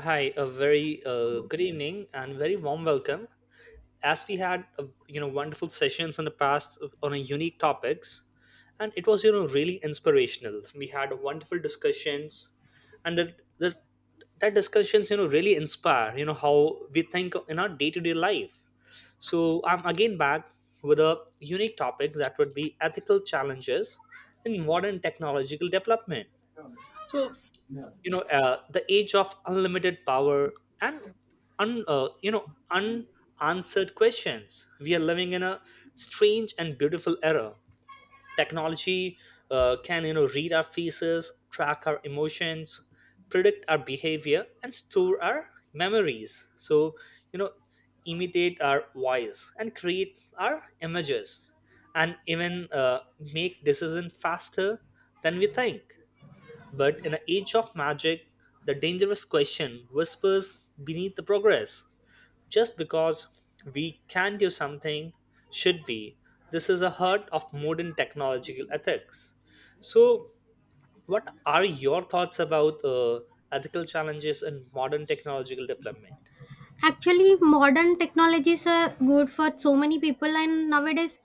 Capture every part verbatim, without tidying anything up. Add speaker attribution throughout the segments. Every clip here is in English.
Speaker 1: Hi, a very uh, good evening and very warm welcome. As we had uh, you know wonderful sessions in the past uh, on a unique topics, and it was you know really inspirational. We had wonderful discussions, and that that, that discussions you know really inspire you know how we think in our day to day life. So I'm again back with a unique topic that would be ethical challenges in modern technological development. So you know uh, the age of unlimited power and un, uh, you know unanswered questions. We are living in a strange and beautiful era. Technology uh, can you know read our faces, track our emotions, predict our behavior and store our memories, so you know imitate our voice and create our images and even uh, make decisions faster than we think. But in an age of magic, the dangerous question whispers beneath the progress. Just because we can do something, should we? This is a heart of modern technological ethics. So, what are your thoughts about uh, ethical challenges in modern technological development?
Speaker 2: Actually, modern technologies are good for so many people, and nowadays,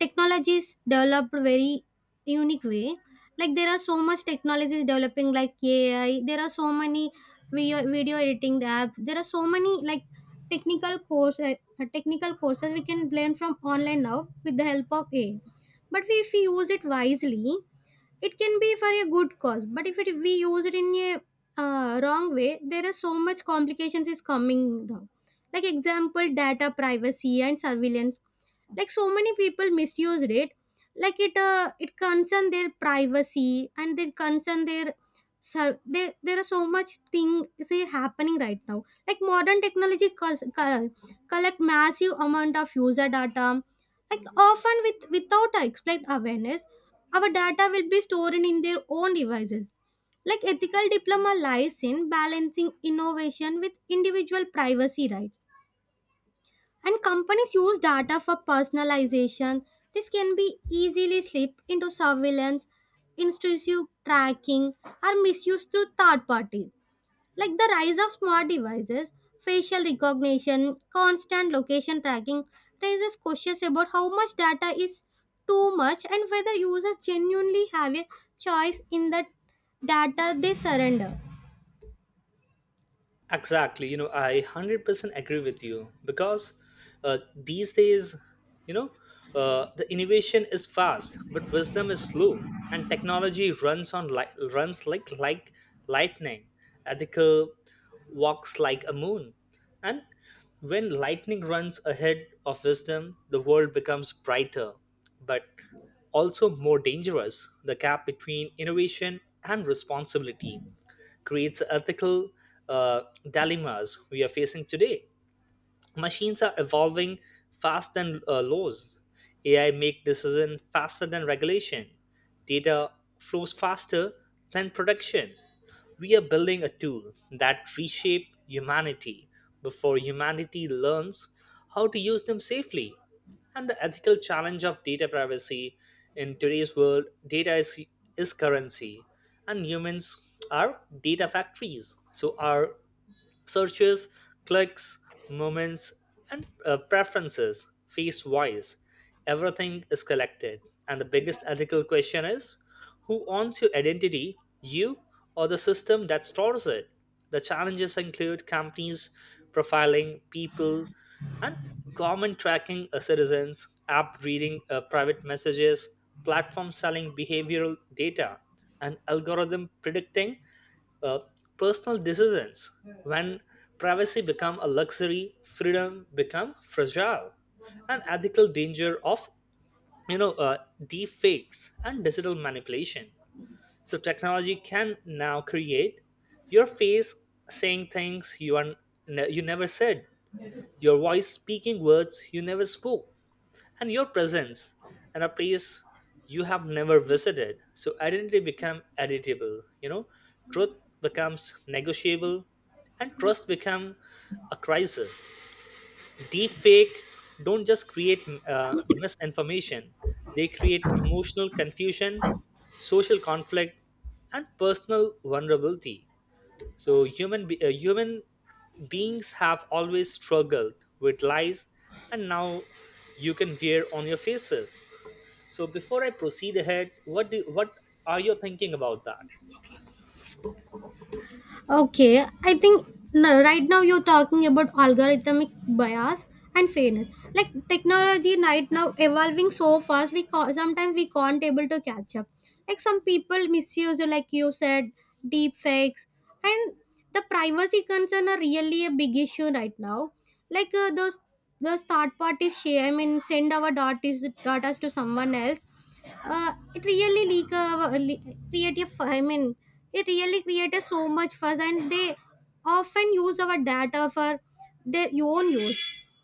Speaker 2: technologies developed very unique way. Like there are so much technologies developing, like A I. There are so many video, video editing apps. There are so many like technical courses, technical courses we can learn from online now with the help of A I. But if we use it wisely, it can be for a good cause, but if it, we use it in a uh, wrong way. There are so much complications is coming down, like example data privacy and surveillance, like so many people misused it, like it uh, it concern their privacy and they concern their. So there there are so much things happening right now, like modern technology cause, co- collect massive amount of user data, like often with without explicit awareness. Our data will be stored in their own devices, like ethical diploma lies in balancing innovation with individual privacy rights, and companies use data for personalization. This can be easily slipped into surveillance, intrusive tracking, or misused through third parties. Like the rise of smart devices, facial recognition, constant location tracking raises questions about how much data is too much and whether users genuinely have a choice in the data they surrender.
Speaker 1: Exactly. You know, I one hundred percent agree with you because uh, these days, you know, uh, the innovation is fast, but wisdom is slow, and technology runs on, like, runs like like lightning. Ethical walks like a moon, and when lightning runs ahead of wisdom, the world becomes brighter, but also more dangerous. The gap between innovation and responsibility creates ethical uh, dilemmas we are facing today. Machines are evolving fast than uh, laws. AI make decisions faster than regulation. Data flows faster than production. We are building a tool that reshape humanity before humanity learns how to use them safely. And the ethical challenge of data privacy: in today's world data is, is currency and humans are data factories, so our searches, clicks, moments, and uh, preferences, face, voice. Everything is collected. And the biggest ethical question is, who owns your identity, you or the system that stores it? The challenges include companies profiling people and government tracking uh, citizens, app reading uh, private messages, platform selling behavioral data, and algorithm predicting uh, personal decisions. When privacy become a luxury, freedom become fragile. And ethical danger of you know uh, deep fakes and digital manipulation, so technology can now create your face saying things you are ne- you never said, your voice speaking words you never spoke, and your presence in a place you have never visited. So identity become editable, you know, truth becomes negotiable, and trust become a crisis. Deep fake don't just create uh, misinformation; they create emotional confusion, social conflict, and personal vulnerability. So human be- uh, human beings have always struggled with lies, and now you can wear on your faces. So before I proceed ahead, what do what are you thinking about that?
Speaker 2: Okay, I think no, right now you're talking about algorithmic bias and fairness. Like technology right now evolving so fast, we ca- sometimes we can't able to catch up. Like some people misuse, like you said, deep fakes, and the privacy concern are really a big issue right now. Like uh, those those third parties share, I mean, send our data data to someone else, uh, it really leak, uh, le- create a fu- I mean, it really created so much fuss, and they often use our data for their own use.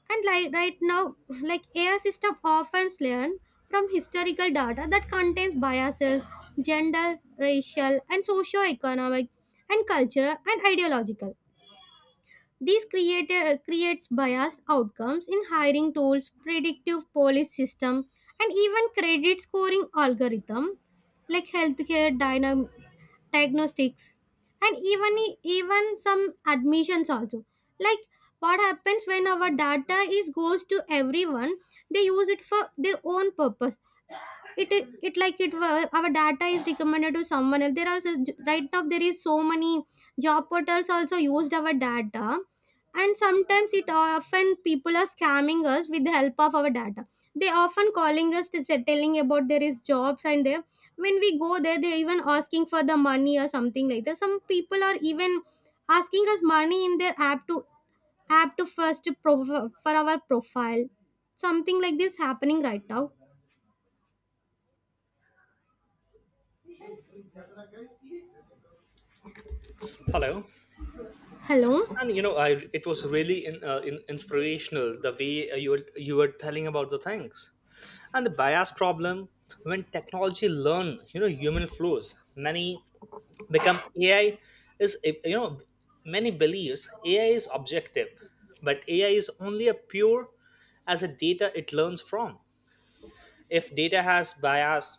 Speaker 2: And like right now, like A I system often learn from historical data that contains biases: gender, racial, and socio-economic, and cultural and ideological. This creator, creates biased outcomes in hiring tools, predictive policy system, and even credit scoring algorithm, like healthcare dynam- diagnostics, and even e, even some admissions also. Like what happens when our data is goes to everyone? They use it for their own purpose, it i- it, like, it wa- our data is recommended to someone else. There are s- right now there is so many job portals also used our data, and sometimes it uh, often people are scamming us with the help of our data. They often calling us to say telling about there is jobs, and there when we go there they even asking for the money or something like that. Some people are even asking us money in their app to app to first pro- for our profile, something like this happening right now.
Speaker 1: Hello.
Speaker 2: Hello.
Speaker 1: And you know, I it was really in, uh, in, inspirational the way uh, you were, you were telling about the things and the bias problem when technology learn you know human flaws. Many become A I is you know many believes A I is objective, but A I is only a pure as a data it learns from. If data has bias,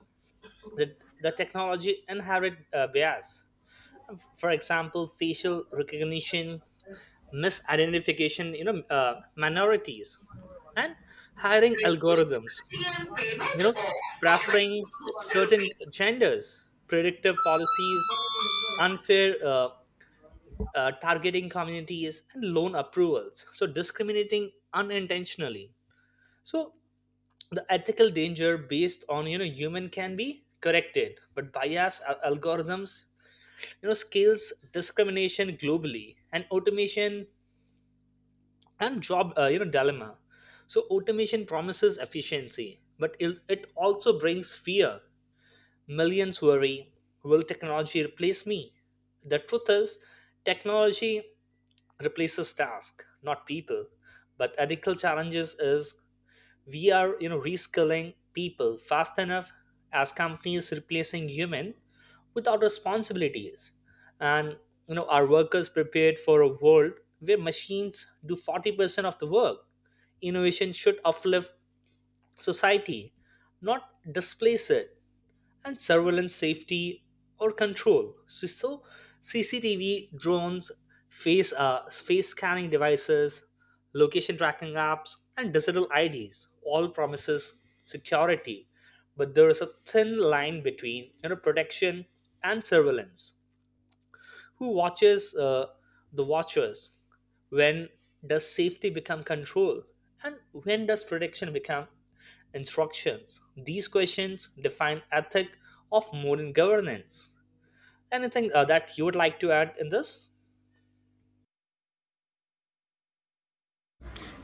Speaker 1: the, the technology inherit uh, bias. For example, facial recognition, misidentification, you know, uh, minorities, and hiring algorithms. You know, preferring certain genders, predictive policies, unfair uh, uh, targeting communities and loan approvals, so discriminating unintentionally. So the ethical danger based on you know human can be corrected, but bias al- algorithms you know scales discrimination globally. And automation and job uh, you know dilemma, so automation promises efficiency, but it, it also brings fear. Millions worry, will technology replace me? The truth is, technology replaces task, not people. But ethical challenges is, we are you know reskilling people fast enough as companies replacing human without responsibilities. And you know our workers prepared for a world where machines do forty percent of the work. Innovation should uplift society, not displace it. And surveillance, safety or control. So, so C C T V, drones, face, uh, face scanning devices, location tracking apps, and digital I Ds all promises security. But there is a thin line between you know protection and surveillance. Who watches uh, the watchers? When does safety become control? And when does prediction become instructions? These questions define ethic of modern governance. Anything uh, that you would like to add in this?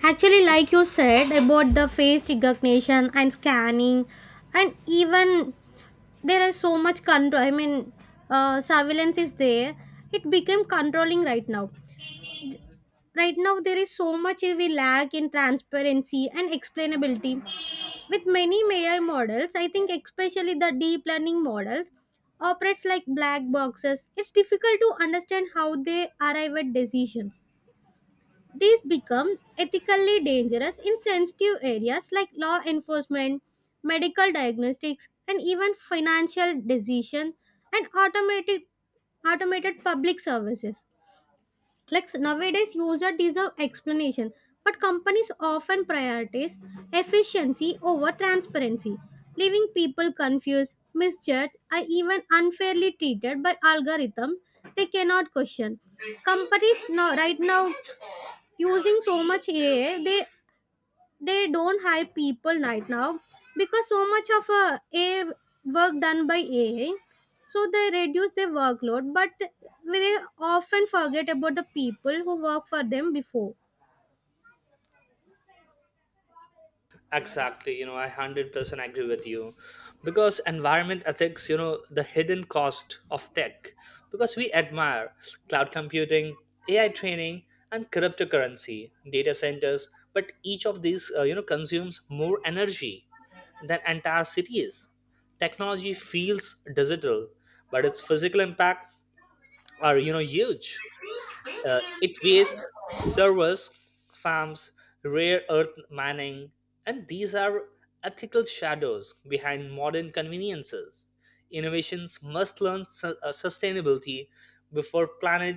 Speaker 2: Actually, like you said about the face recognition and scanning, and even there is so much control. I mean, uh, surveillance is there. It became controlling right now. Right now, there is so much we lack in transparency and explainability. With many A I models, I think especially the deep learning models operates like black boxes. It's difficult to understand how they arrive at decisions. These become ethically dangerous in sensitive areas like law enforcement, medical diagnostics, and even financial decisions, and automated automated public services. Like s- nowadays, users deserve explanation, but companies often prioritize efficiency over transparency, leaving people confused, misjudged, or even unfairly treated by algorithms they cannot question. Companies now, right now, using so much A I. They they don't hire people right now because so much of uh, A I work done by A I. So they reduce their workload, but they often forget about the people who work for them before.
Speaker 1: Exactly, you know, I one hundred percent agree with you. Because environment ethics, you know, the hidden cost of tech. Because we admire cloud computing, A I training, and cryptocurrency, data centers, but each of these, uh, you know, consumes more energy than entire cities. Technology feels digital, but its physical impact are, you know, huge. Uh, it wastes servers, farms, rare earth mining, and these are ethical shadows behind modern conveniences. Innovations must learn su- uh, sustainability before planet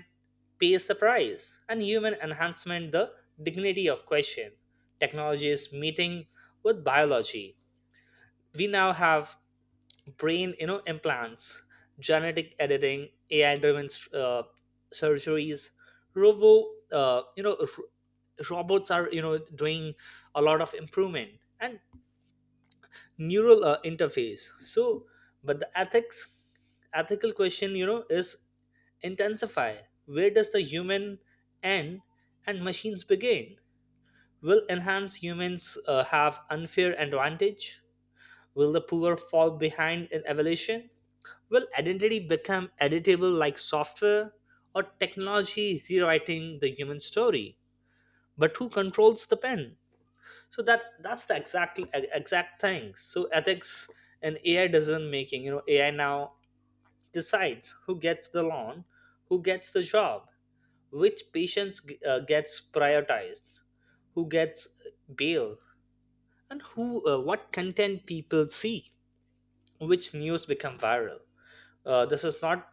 Speaker 1: pays the price. And human enhancement, the dignity of question. Technology is meeting with biology. We now have brain you know implants, genetic editing, AI driven uh, surgeries, robo uh, you know r- robots are you know doing a lot of improvement, and neural uh, interface. So but the ethics ethical question you know is intensify, where does the human end and machines begin? Will enhanced humans uh, have unfair advantage? Will the poor fall behind in evolution? Will identity become editable like software, or technology is rewriting the human story? But who controls the pen? So that that's the exact exact thing. So ethics and A I doesn't making. You know, A I now decides who gets the loan, who gets the job, which patients uh, gets prioritized, who gets bail, and who uh, what content people see, which news become viral. Uh, this is not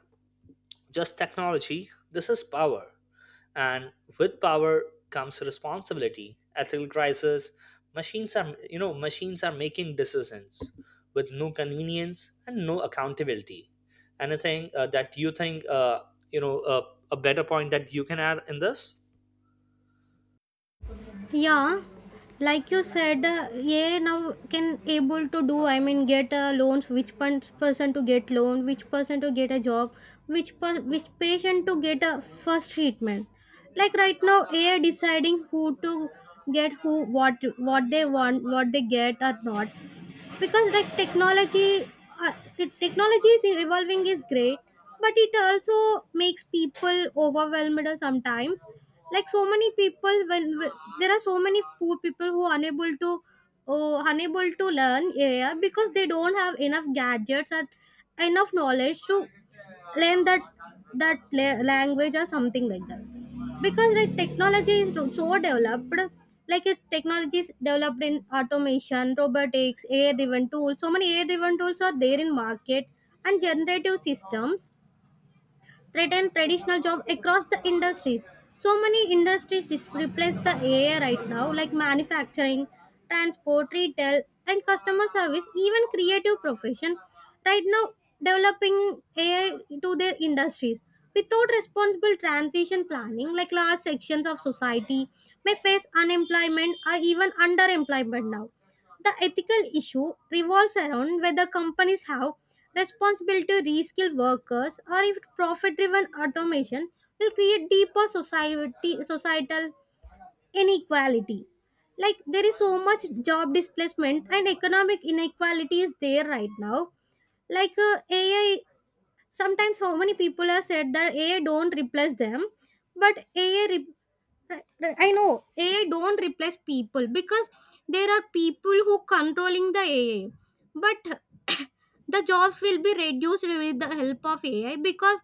Speaker 1: just technology, this is power. And with power comes responsibility, ethical crisis. Machines are, you know, machines are making decisions with no convenience and no accountability. Anything uh, that you think, uh, you know, uh, a better point that you can add in this?
Speaker 2: Yeah, like you said, uh, yeah, now can able to do. I mean, get uh, loans. Which pun- person to get loan? Which person to get a job? Which per- which patient to get a first treatment? Like right now, A I deciding who to get who what what they want, what they get or not, because like technology uh, the technology is evolving is great, but it also makes people overwhelmed sometimes. Like so many people, when w- there are so many poor people who are unable to uh, unable to learn, yeah, because they don't have enough gadgets and enough knowledge to learn that that la- language or something like that, because like technology is so developed, like it, technology is developed in automation, robotics, A I driven tools. So many A I driven tools are there in market, and generative systems threaten traditional jobs across the industries. So many industries dis- replace the A I right now, like manufacturing, transport, retail, and customer service, even creative profession. Right now, developing A I to their industries without responsible transition planning, like large sections of society may face unemployment or even underemployment now. The ethical issue revolves around whether companies have responsibility to reskill workers, or if profit driven automation will create deeper society, societal inequality. Like there is so much job displacement and economic inequality is there right now. Like uh, A I, sometimes so many people have said that A I don't replace them, but ai re- Right, right. I know A I don't replace people because there are people who controlling the A I, but the jobs will be reduced with the help of A I because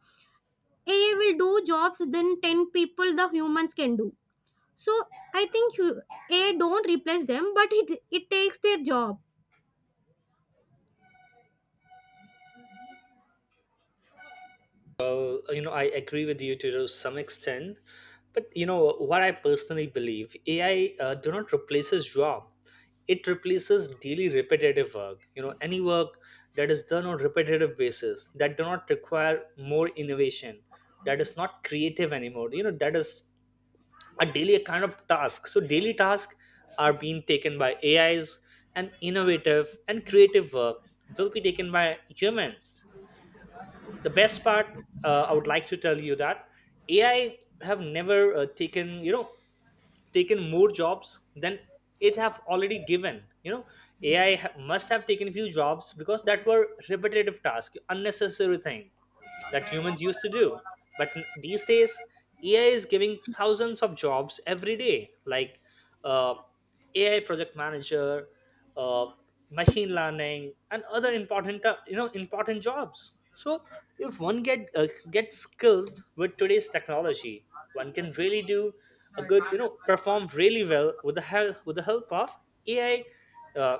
Speaker 2: A I will do jobs than ten people the humans can do. So I think hu- A I don't replace them, but it it takes their job.
Speaker 1: Uh, you know, I agree with you to some extent, but you know what I personally believe: A I uh, do not replaces job; it replaces daily repetitive work. You know, any work that is done on repetitive basis that do not require more innovation, that is not creative anymore. You know, that is a daily kind of task. So daily tasks are being taken by A Is, and innovative and creative work will be taken by humans. The best part, uh, I would like to tell you that AI have never uh, taken you know taken more jobs than it have already given. You know, ai ha- must have taken few jobs because that were repetitive task, unnecessary thing that humans used to do. But n- these days, A I is giving thousands of jobs every day, like uh, A I project manager, uh, machine learning, and other important uh, you know important jobs. So if one get uh, gets skilled with today's technology, one can really do a good you know perform really well with the help with the help of A I uh,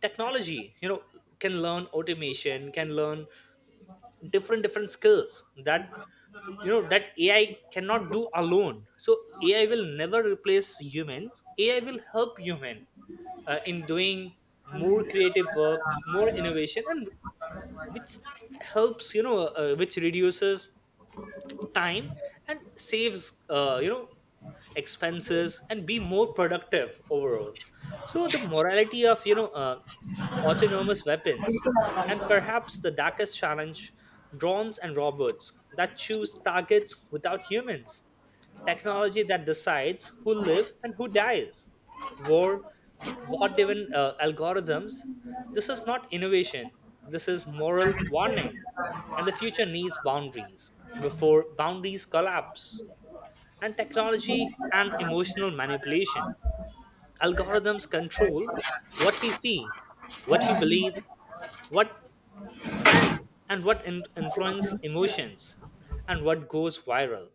Speaker 1: technology. You know, can learn automation, can learn different different skills that you know that AI cannot do alone. So AI will never replace humans. AI will help human uh, in doing more creative work, more innovation, and which helps you know uh, which reduces time and saves uh, you know expenses and be more productive overall. So the morality of you know uh, autonomous weapons, and perhaps the darkest challenge, drones and robots that choose targets without humans, technology that decides who live and who dies, war, what even uh, algorithms. This is not innovation, this is moral warning. And the future needs boundaries before boundaries collapse. And technology and emotional manipulation, algorithms control what we see, what we believe, what trends, and what in- influence emotions, and what goes viral.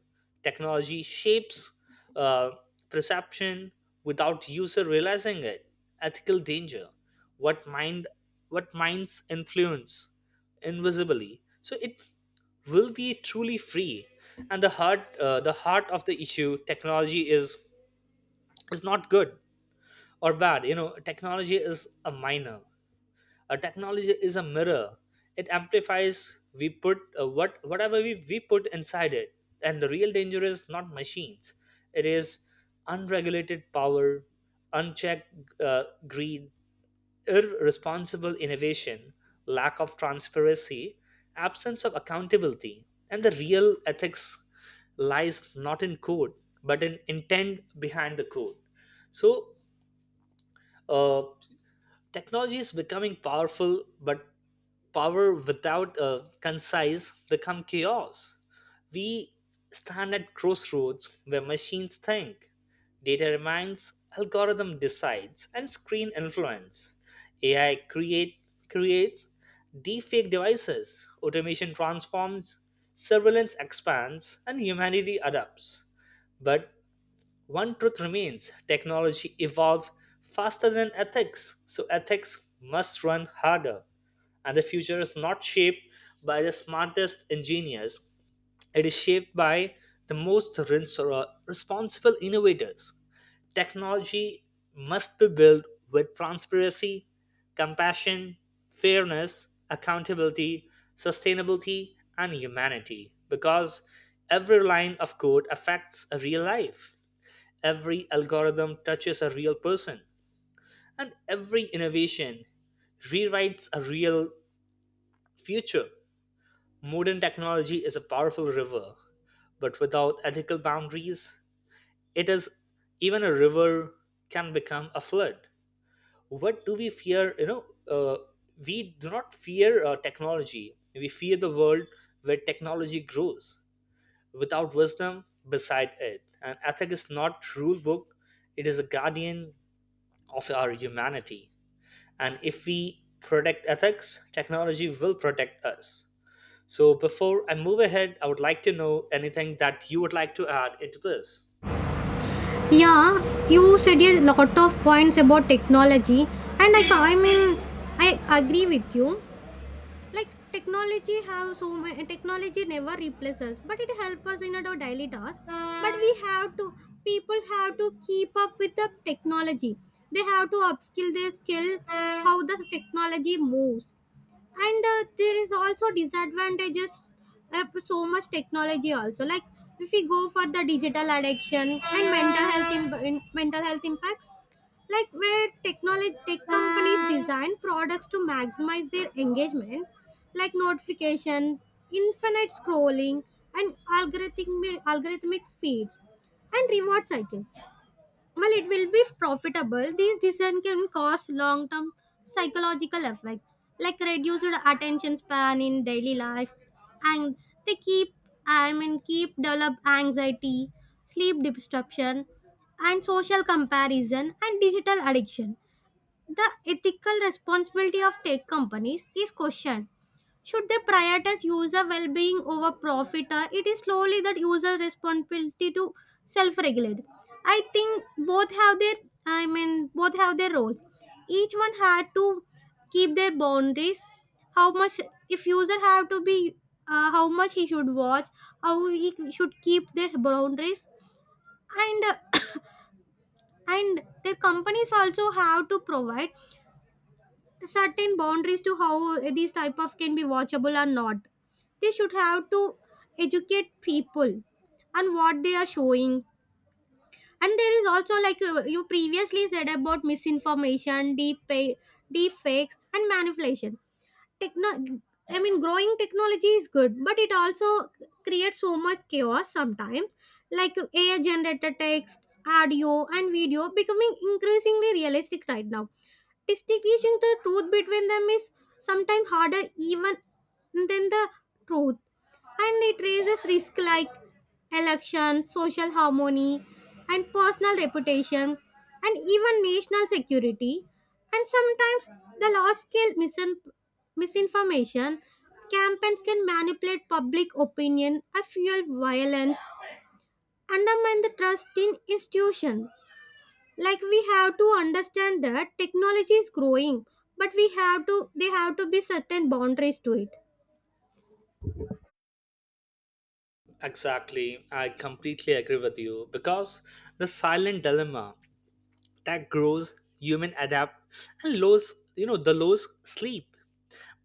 Speaker 1: Technology shapes uh, perception without user realizing it. Ethical danger, what mind what minds influence invisibly, so it will be truly free. And the heart uh, the heart of the issue: technology is is not good or bad. You know, technology is a minor a technology is a mirror. It amplifies we put uh, what whatever we, we put inside it. And the real danger is not machines, it is unregulated power, unchecked uh, greed, irresponsible innovation, lack of transparency, absence of accountability. And the real ethics lies not in code, but in intent behind the code. So uh, technology is becoming powerful, but power without a concise become chaos. We stand at crossroads where machines think, data reminds, algorithm decides, and screen influence. A I create creates deepfake devices, automation transforms, surveillance expands, and humanity adapts. But one truth remains, technology evolved faster than ethics, so ethics must run harder. And the future is not shaped by the smartest engineers, it is shaped by the most rins- uh, responsible innovators. Technology must be built with transparency, compassion, fairness, accountability, sustainability, and humanity, because every line of code affects a real life. Every algorithm touches a real person, and every innovation rewrites a real future. Modern technology is a powerful river, but without ethical boundaries, it is even a river can become a flood. What do we fear? You know, uh, we do not fear uh, technology. We fear the world where technology grows without wisdom beside it. And ethic is not rule book; it is a guardian of our humanity. And if we protect ethics, technology will protect us. So, before I move ahead, I would like to know anything that you would like to add into this.
Speaker 2: Yeah, you said a lot of points about technology, and I, I mean, I agree with you, like technology have so many technology never replaces us, but it helps us in our daily task, but we have to people have to keep up with the technology. They have to upskill their skill how the technology moves, and uh, there is also disadvantages of so much technology also, like if we go for the digital addiction and mental health imp- in- mental health impacts, like where technology tech companies design products to maximize their engagement, like notification, infinite scrolling, and algorithmic algorithmic feeds, and reward cycle. Well, it will be profitable, these decisions can cause long term psychological effect, like reduced attention span in daily life, and they keep, I mean, keep develop anxiety, sleep disruption, and social comparison, and digital addiction. The ethical responsibility of tech companies is questioned. Should they prioritize user well-being over profit? Or it is slowly that user responsibility to self-regulate. I think both have their, I mean, both have their roles. Each one had to keep their boundaries. How much, if user have to be, uh, how much he should watch, how he should keep their boundaries, and and their companies also have to provide certain boundaries to how these type of can be watchable or not. They should have to educate people on what they are showing. And there is also, like, uh, you previously said about misinformation, deep deep fakes, and manipulation. Techno I mean, growing technology is good, but it also creates so much chaos sometimes, like A I generated text, audio, and video becoming increasingly realistic right now. Distinguishing the truth between them is sometimes harder even than the truth, and it raises risk, like election, social harmony, and personal reputation, and even national security. And sometimes the large scale misin- misinformation campaigns can manipulate public opinion and fuel violence, undermine the trust in institutions. Like we have to understand that technology is growing, but we have to they have to be certain boundaries to it.
Speaker 1: Exactly. I completely agree with you because the silent dilemma that grows human adapt and lows, you know, the lows sleep.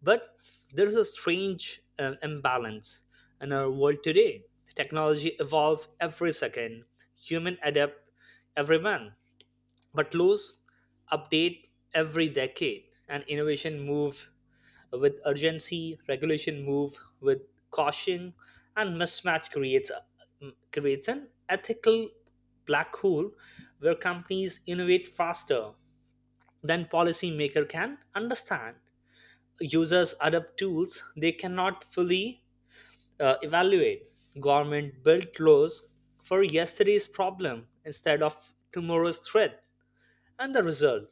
Speaker 1: But there is a strange uh, imbalance in our world today. Technology evolve every second, human adapt every month, but laws update every decade, and innovation move with urgency, regulation move with caution, and mismatch creates a, creates an ethical black hole where companies innovate faster than policymaker can understand, users adopt tools they cannot fully uh, evaluate, government built laws for yesterday's problem instead of tomorrow's threat. And the result,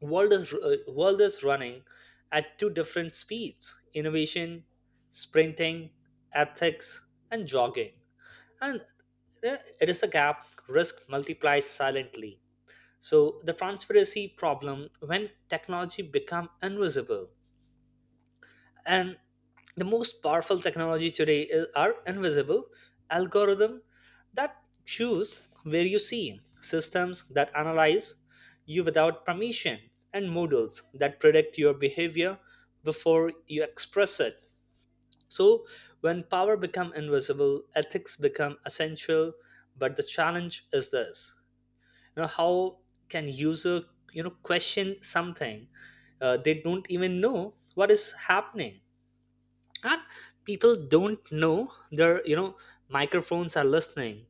Speaker 1: world is uh, world is running at two different speeds: innovation sprinting, ethics and jogging, and uh, it is the gap risk multiplies silently. So the transparency problem: when technology become invisible, and the most powerful technology today is, are invisible: algorithm that choose where you see, systems that analyze you without permission, and models that predict your behavior before you express it. So when power become invisible, ethics become essential. But the challenge is this: you know how can user you know question something uh, they don't even know what is happening. And people don't know their, you know microphones are listening,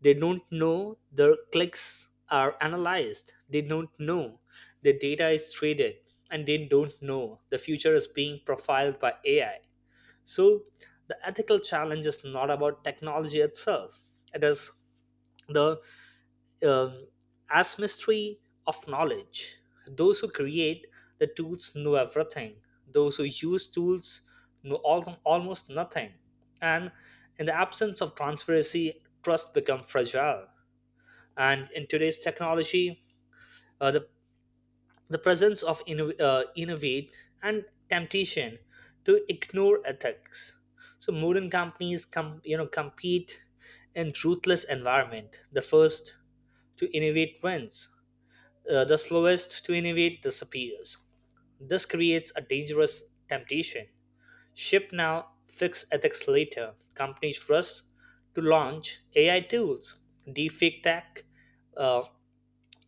Speaker 1: they don't know their clicks are analyzed, they don't know the data is traded, and they don't know the future is being profiled by ai. So the ethical challenge is not about technology itself, it is the um, as mystery of knowledge. Those who create the tools know everything. Those who use tools know al- almost nothing. And in the absence of transparency, trust becomes fragile. And in today's technology, uh, the, the presence of inno- uh, innovate and temptation to ignore ethics. So modern companies com- you know compete in ruthless environment. The first to innovate wins, uh, the slowest to innovate disappears. This creates a dangerous temptation. Ship now, fix ethics later. Companies rush to launch A I tools, deepfake tech, uh,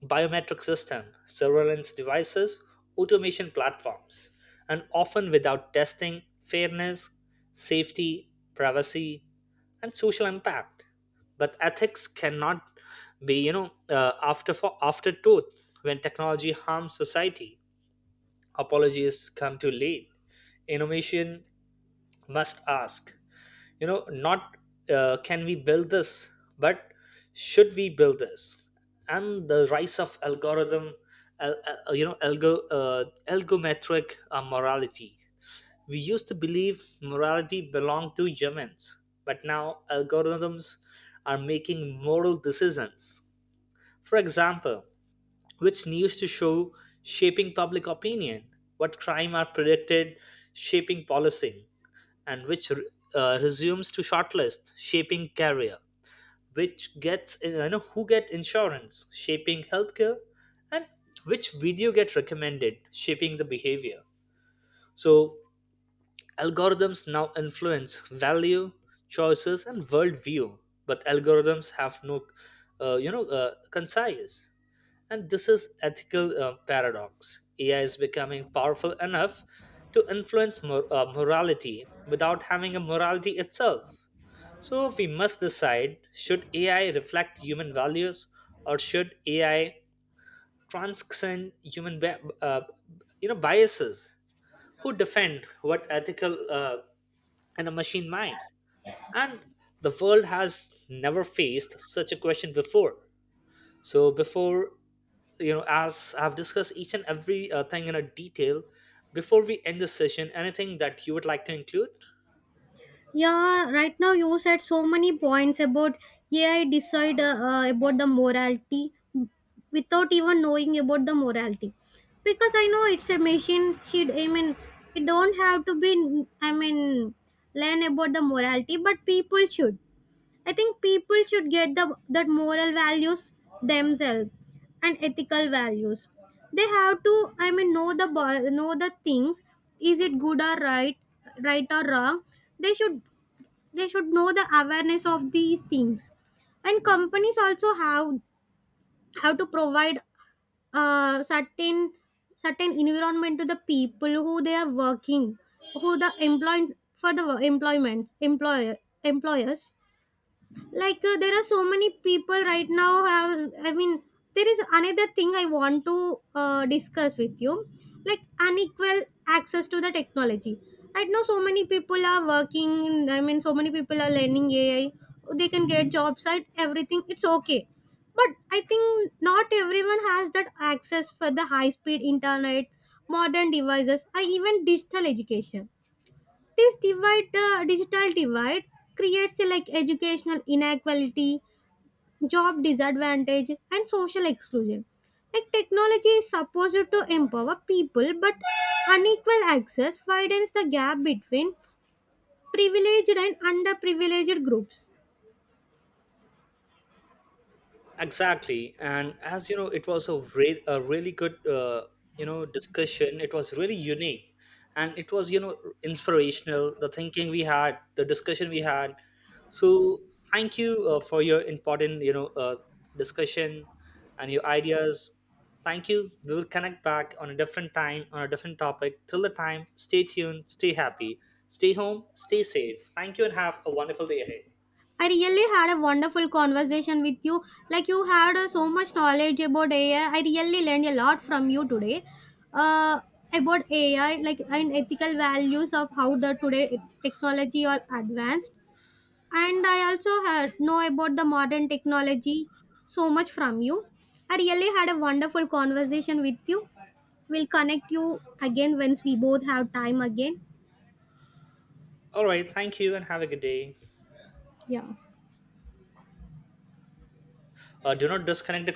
Speaker 1: biometric system, surveillance devices, automation platforms, and often without testing fairness, safety, privacy, and social impact. But ethics cannot be, you know, uh, after for afterthought when technology harms society. Apologies come too late. Innovation must ask, you know not uh, can we build this, but should we build this. And the rise of algorithm, al- al- uh, you know algo uh, algometric uh, morality. We used to believe morality belonged to humans, but now algorithms are making moral decisions. For example, which news to show, shaping public opinion; what crime are predicted, shaping policy; and which uh, resumes to shortlist, shaping career; which gets uh, you know who get insurance, shaping healthcare; and which video get recommended, shaping the behavior. So algorithms now influence value, choices, and worldview, but algorithms have no uh, you know uh, concise. And this is ethical uh, paradox: ai is becoming powerful enough to influence mor- uh, morality without having a morality itself. So we must decide, should A I reflect human values or should A I transcend human bi- uh, you know biases? Who defend what ethical uh, in a machine mind? And the world has never faced such a question before. So before, you know, as I've discussed each and every uh, thing in a detail, before we end this session, anything that you would like to include?
Speaker 2: Yeah, right now you said so many points about A I decide uh, uh, about the morality without even knowing about the morality. Because I know it's a machine. She, I mean, it don't have to be. I mean, learn about the morality, but people should. I think people should get the that moral values themselves and ethical values. They have to, I mean, know the bo- know the things. Is it good or right, right or wrong? they should they should know the awareness of these things, and companies also have have to provide, uh, certain certain environment to the people who they are working, who the employed for the employment employer employers. Like uh, there are so many people right now have I mean, there is another thing I want to uh, discuss with you, like unequal access to the technology right now, so many people are working in, I mean, so many people are learning A I. They can get jobs at everything, it's okay, but I think not everyone has that access for the high speed internet, modern devices, or even digital education. This divide uh, digital divide creates a, like, educational inequality, job disadvantage, and social exclusion, like technology is supposed to empower people, but unequal access widens the gap between privileged and underprivileged groups.
Speaker 1: Exactly, and as you know, it was a, re- a really good uh, you know discussion. It was really unique, and it was you know inspirational. The thinking we had, the discussion we had. So thank you uh, for your important you know uh, discussion and your ideas. Thank you. We will connect back on a different time on a different topic. Till the time, stay tuned, stay happy, stay home, stay safe. Thank you, and have a wonderful day ahead.
Speaker 2: I really had a wonderful conversation with you. Like you had uh, so much knowledge about A I. I I really learned a lot from you today, uh, about A I, like, and ethical values of how the today technology are advanced. And I also had know about the modern technology so much from you. I really had a wonderful conversation with you. We'll connect you again once we both have time again.
Speaker 1: All right, thank you, and have a good day.
Speaker 2: Yeah.
Speaker 1: Uh, do not disconnect the